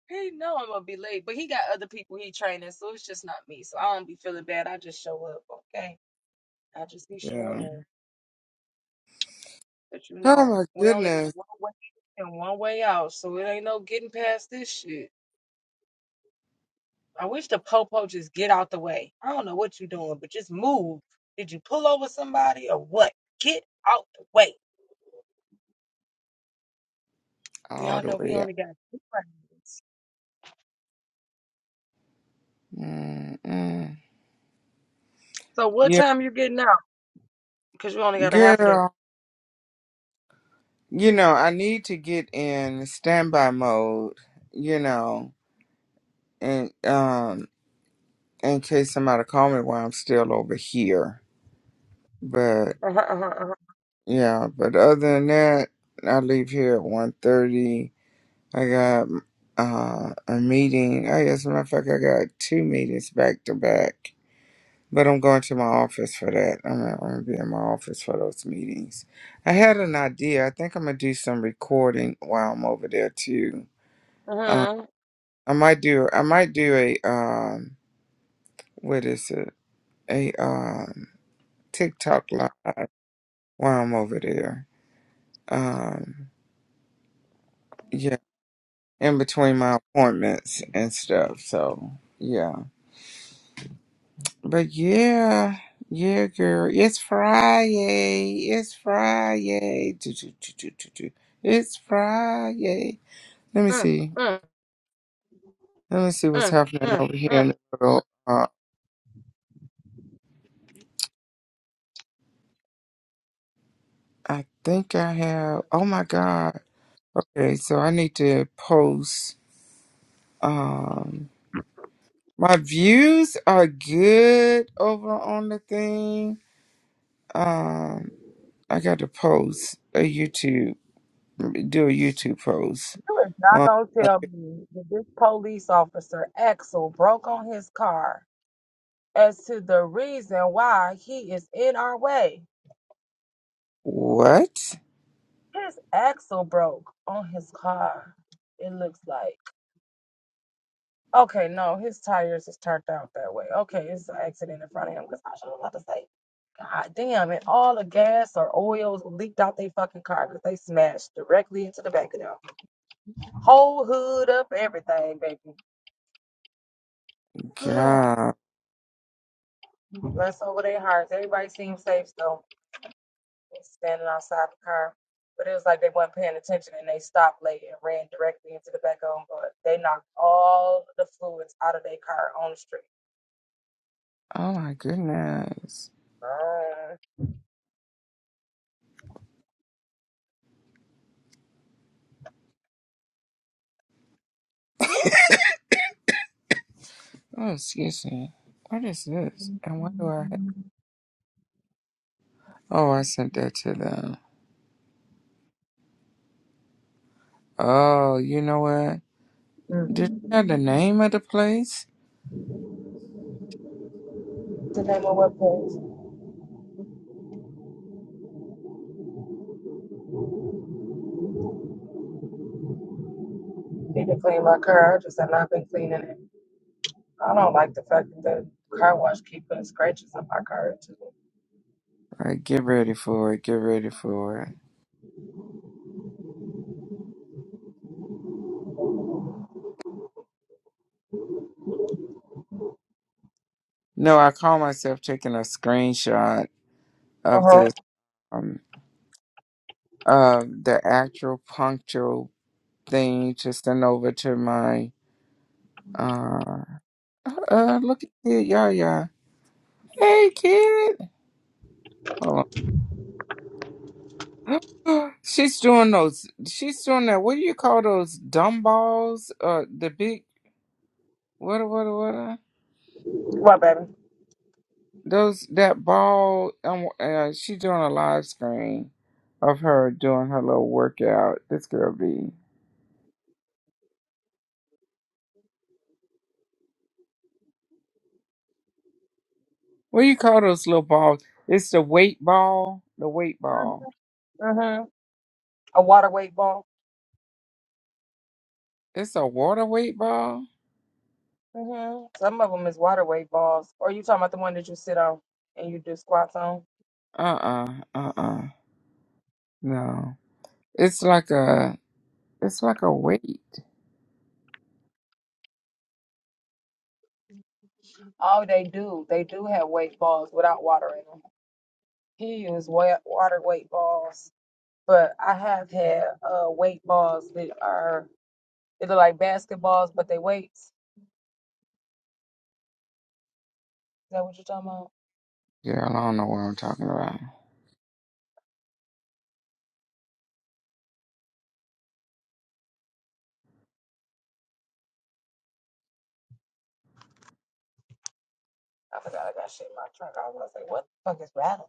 S1: He know I'm gonna be late, but he got other people he training, so it's just not me. So I don't be feeling bad. I just show up, okay? I just be
S3: Yeah.
S1: showing up. But you
S3: Oh
S1: know,
S3: my
S1: we only got
S3: goodness.
S1: one way in and one way out, so it ain't no getting past this shit. I wish the popo just get out the way. I don't know what you doing, but just move. Did you pull over somebody or what? Get out the way.
S3: All
S1: Y'all
S3: the
S1: know we
S3: way up.
S1: only got two rounds.
S3: Mm-mm.
S1: So what
S3: Yeah,
S1: time you getting out? Because you only got a half a day.
S3: girl, you know, I need to get in standby mode, you know, and um in case somebody call me while I'm still over here. But
S1: Uh-huh, uh-huh,
S3: yeah, but other than that, I leave here at one thirty. I got uh a meeting. I guess as a matter of fact I got two meetings back to back. But I'm going to my office for that. I'm gonna, I'm gonna be in my office for those meetings. I had an idea. I think I'm gonna do some recording while I'm over there too. Uh,
S1: uh-huh.
S3: I might do. I might do a um. What is it? A um TikTok live while I'm over there. Um. Yeah. In between my appointments and stuff. So yeah. But yeah, yeah, girl. It's Friday. It's Friday. Do, do, do, do, do, do. It's Friday. Let me
S1: Mm,
S3: see.
S1: mm,
S3: Let me see what's
S1: mm,
S3: happening
S1: mm,
S3: over here in
S1: mm.
S3: the world. Uh, I think I have. Oh my God. Okay, so I need to post. Um, my views are good over on the thing. Um, I got to post a YouTube, do a YouTube post
S1: You is not
S3: on
S1: gonna tell me that this police officer Axel broke on his car as to the reason why he is in our way.
S3: what?
S1: His axle broke on his car. It looks like. Okay, no, his tires is turned out that way. Okay, it's an accident in front of him. Cause I was about to say, God damn, and all the gas or oils leaked out their fucking car because they smashed directly into the back of them. Whole hood up, everything, baby.
S3: God.
S1: Bless over their hearts. Everybody seemed safe still, standing outside the car. But it was like they weren't paying attention and they stopped late and ran directly into the back of them. But they knocked all the fluids out of their car on the street.
S3: Oh my goodness.
S1: Uh,
S3: Oh, excuse me. What is this? And what do I have? Oh, I sent that to them. Oh, you know what? Did they have the name of the place?
S1: To name of what place? Need to clean my car. I just have not been cleaning it. I don't like the fact that the car wash keep putting scratches on my car too.
S3: All right, get ready for it. Get ready for it. No, I call myself taking a screenshot
S1: Uh
S3: of
S1: huh.
S3: this, um, of the actual punctual thing to send over to my, uh, uh, look at kid, y'all, y'all. Hey, kid. Hold on. she's doing those. She's doing that. What do you call those dumb balls? Uh, the big what what what? uh,
S1: What, baby?
S3: Those that ball. Um, uh, she's doing a live screen of her doing her little workout. This girl be. What do you call those little balls? It's the weight ball. The weight
S1: Uh
S3: ball.
S1: huh. A water weight ball.
S3: It's a water weight ball.
S1: hmm Some of them is water weight balls. Or you talking about the one that you sit on and you do squats on?
S3: Uh uh uh uh. No. It's like a. It's like a weight.
S1: Oh, they do. They do have weight balls without water in them. He used wa- water weight balls, but I have had uh, weight balls that are they look like basketballs, but they weights. Is that what you're talking about?
S3: Yeah, I don't know what I'm talking
S1: I forgot I got shit in my trunk. I was like, what the fuck is rattling?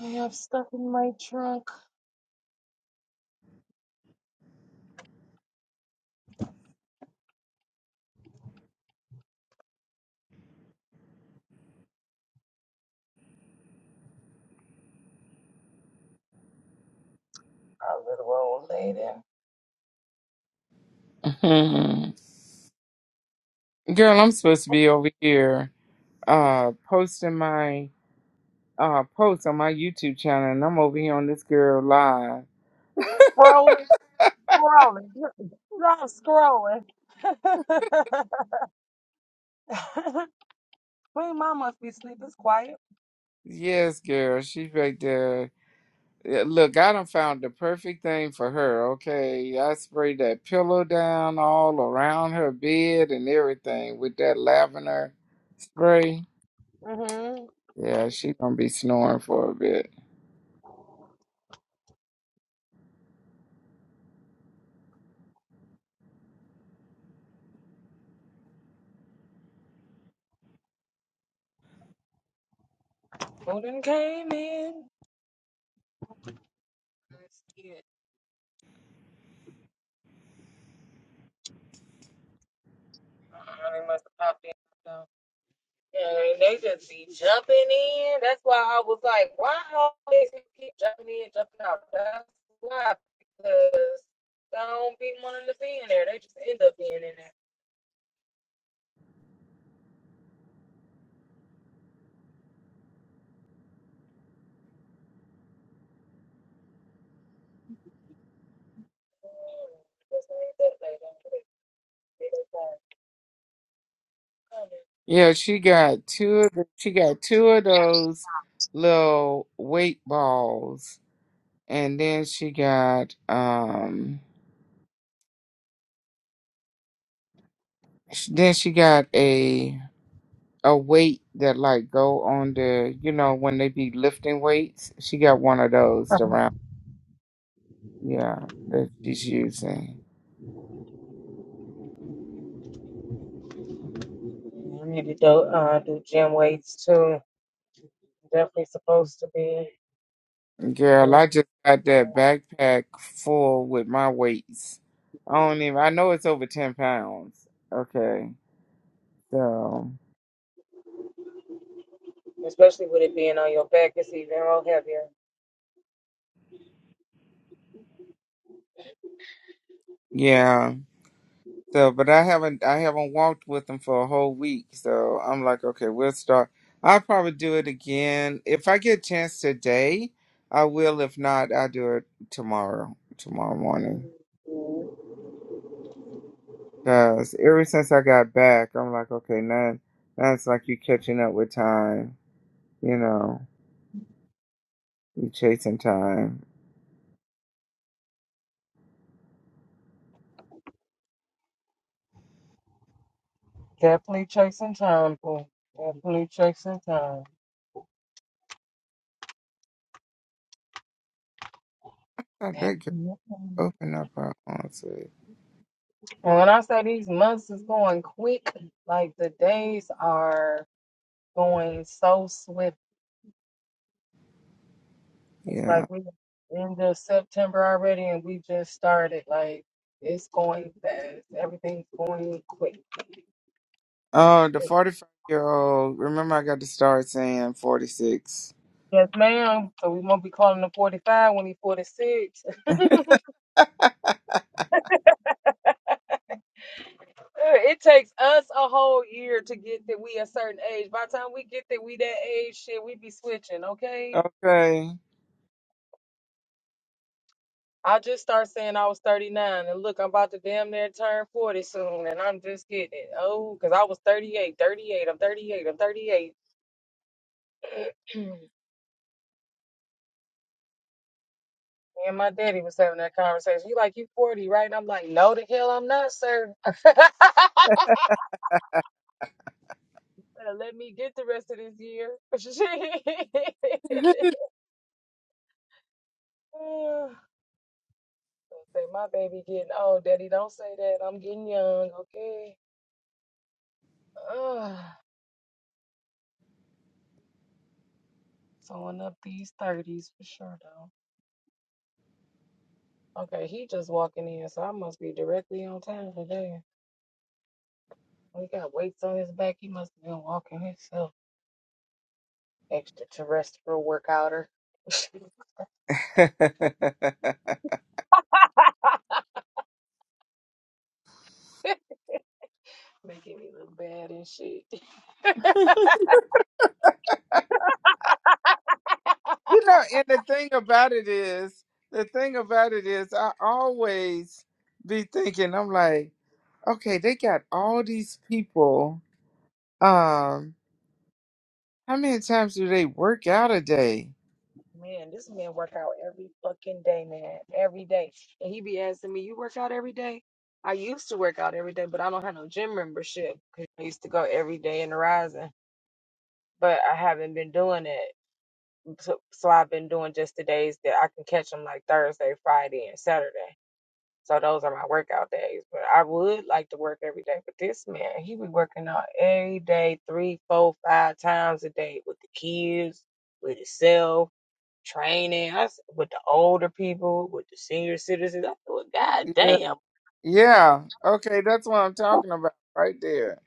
S1: I have stuff in my trunk. Our little old lady.
S3: about. Girl, I'm supposed to be over here uh posting my uh post on my YouTube channel and I'm over here on this girl live.
S1: Rolling, scrolling, not scrolling. Queen Mom must be asleep. It's quiet.
S3: Yes, girl, she's right there. Yeah, Look, I done found the perfect thing for her, okay? I sprayed that pillow down all around her bed and everything with that lavender spray.
S1: Mm-hmm.
S3: Yeah, she gonna be snoring for a bit.
S1: Golden came in. Yeah. Uh, They must have popped in. So. And they just be jumping in. That's why I was like, why always you keep jumping in, jumping out? That's why. Because I don't be wanting to be in there. They just end up being in there. like like, like,
S3: Yeah, she got two of the, she got two of those little weight balls and then she got um sh- then she got a a weight that like go on the you know when they be lifting weights she got one of those the round yeah that she's using
S1: I need to do, uh, do gym weights too. Definitely supposed to be.
S3: girl
S1: doing
S3: i just got that backpack full with my weights i don't even i know it's over 10 pounds okay so
S1: especially with it being on your back, it's even all heavier.
S3: yeah So, but I haven't I haven't walked with them for a whole week. So I'm like, okay, we'll start. I'll probably do it again if I get a chance today. I will. If not, I'll do it tomorrow, tomorrow morning.
S1: Mhm.
S3: Cause ever since I got back, I'm like, okay, now now it's like you catching up with time. You know, you chasing time.
S1: Definitely chasing time, boy. Definitely chasing time.
S3: God, that could
S1: Definitely.
S3: open up her honestly.
S1: And when I say these months is going quick, like the days are going so swift. It's like
S3: Yeah.
S1: we end of September already and we just started. Like it's going fast. Everything's going quick.
S3: Oh, the 45 year old. Remember, I got to start saying 46.
S1: Yes, ma'am. So we won't be calling him 45 when he's 46. Uh, It takes us a whole year to get that we a certain age. By the time we get that we that age, shit, we be switching, okay?
S3: Okay.
S1: I just start saying I was 39, and look, I'm about to damn near turn 40 soon, and I'm just getting it. Oh, because I was thirty I'm 38, I'm 38. Me and my daddy was having that conversation. He like, you 40, right? And I'm like, no, the hell I'm not, sir. Better Let me get the rest of this year. Say my baby getting old, daddy. Don't say that. I'm getting young, okay? Ugh, someone up these thirties for sure, though. Okay, he just walking in, so I must be directly on time today. We got weights on his back. He must have been walking himself. Extraterrestrial workouter, making me look bad and shit.
S3: You know, and the thing about it is, the thing about it is, I always be thinking, I'm like, okay, they got all these people. Um, how many times do they work out a day?
S1: Man, this man work out every fucking day, man. Every day. And he be asking me, You work out every day? I used to work out every day, but I don't have no gym membership 'cause I used to go every day in the rising. But I haven't been doing it. So, so I've been doing just the days that I can catch them like Thursday, Friday, and Saturday. So those are my workout days. But I would like to work every day. But this man, he be working out every day, three, four, five times a day with the kids, with himself training I, s- with the older people, with the senior citizens. I thought, God
S3: Yeah,
S1: damn.
S3: yeah. Okay, that's what I'm talking about right there.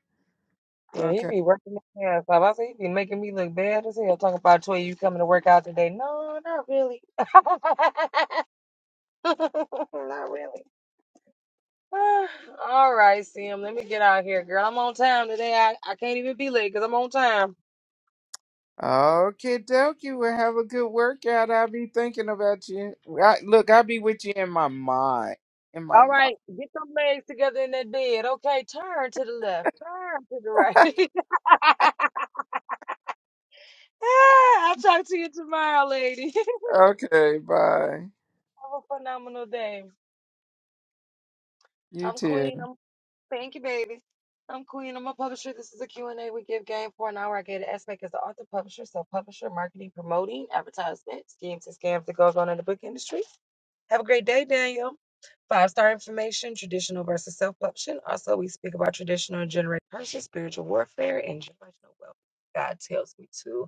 S1: Yeah, he
S3: Okay,
S1: be working his ass off. I said, he be making me look bad as hell talking about Toy, you coming to work out today. No, not really. not really. All right, Sim, let me get out here, girl. I'm on time today. I, I can't even be late because I'm on time.
S3: okay, dokie. Well, have a good workout. I'll be thinking about you. I, look, I'll be with you in my mind. In my
S1: All right,
S3: mind.
S1: get them legs together in that bed. Okay, turn to the left, turn to the right. Ah, I'll talk to you tomorrow, lady.
S3: Okay, bye.
S1: Have a phenomenal day.
S3: You
S1: I'm
S3: too.
S1: Queen. I'm thank you, baby. I'm Queen. I'm a publisher. This is a Q and a we give game for an hour. I get an aspect as the author, publisher, so publisher, marketing, promoting, advertisement, schemes and scams that goes on in the book industry. Have a great day, Daniel. Five star information, traditional versus self publishing. Also, we speak about traditional and generated curses, spiritual warfare, and generational wealth. God tells me to.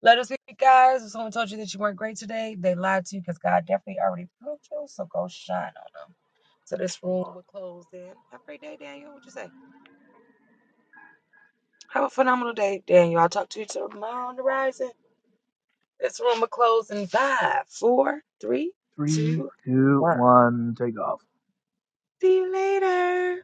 S1: Let us hear it, guys. If someone told you that you weren't great today, they lied to you because God definitely already proved you. So go shine on them. So this room will close then. Have a great day, Daniel. What you say? Have a phenomenal day, Daniel. I'll talk to you tomorrow on the rising. This room will close in five, four, three,
S2: Three,
S1: two,
S2: two,
S1: one.
S2: one, take off.
S1: See you later.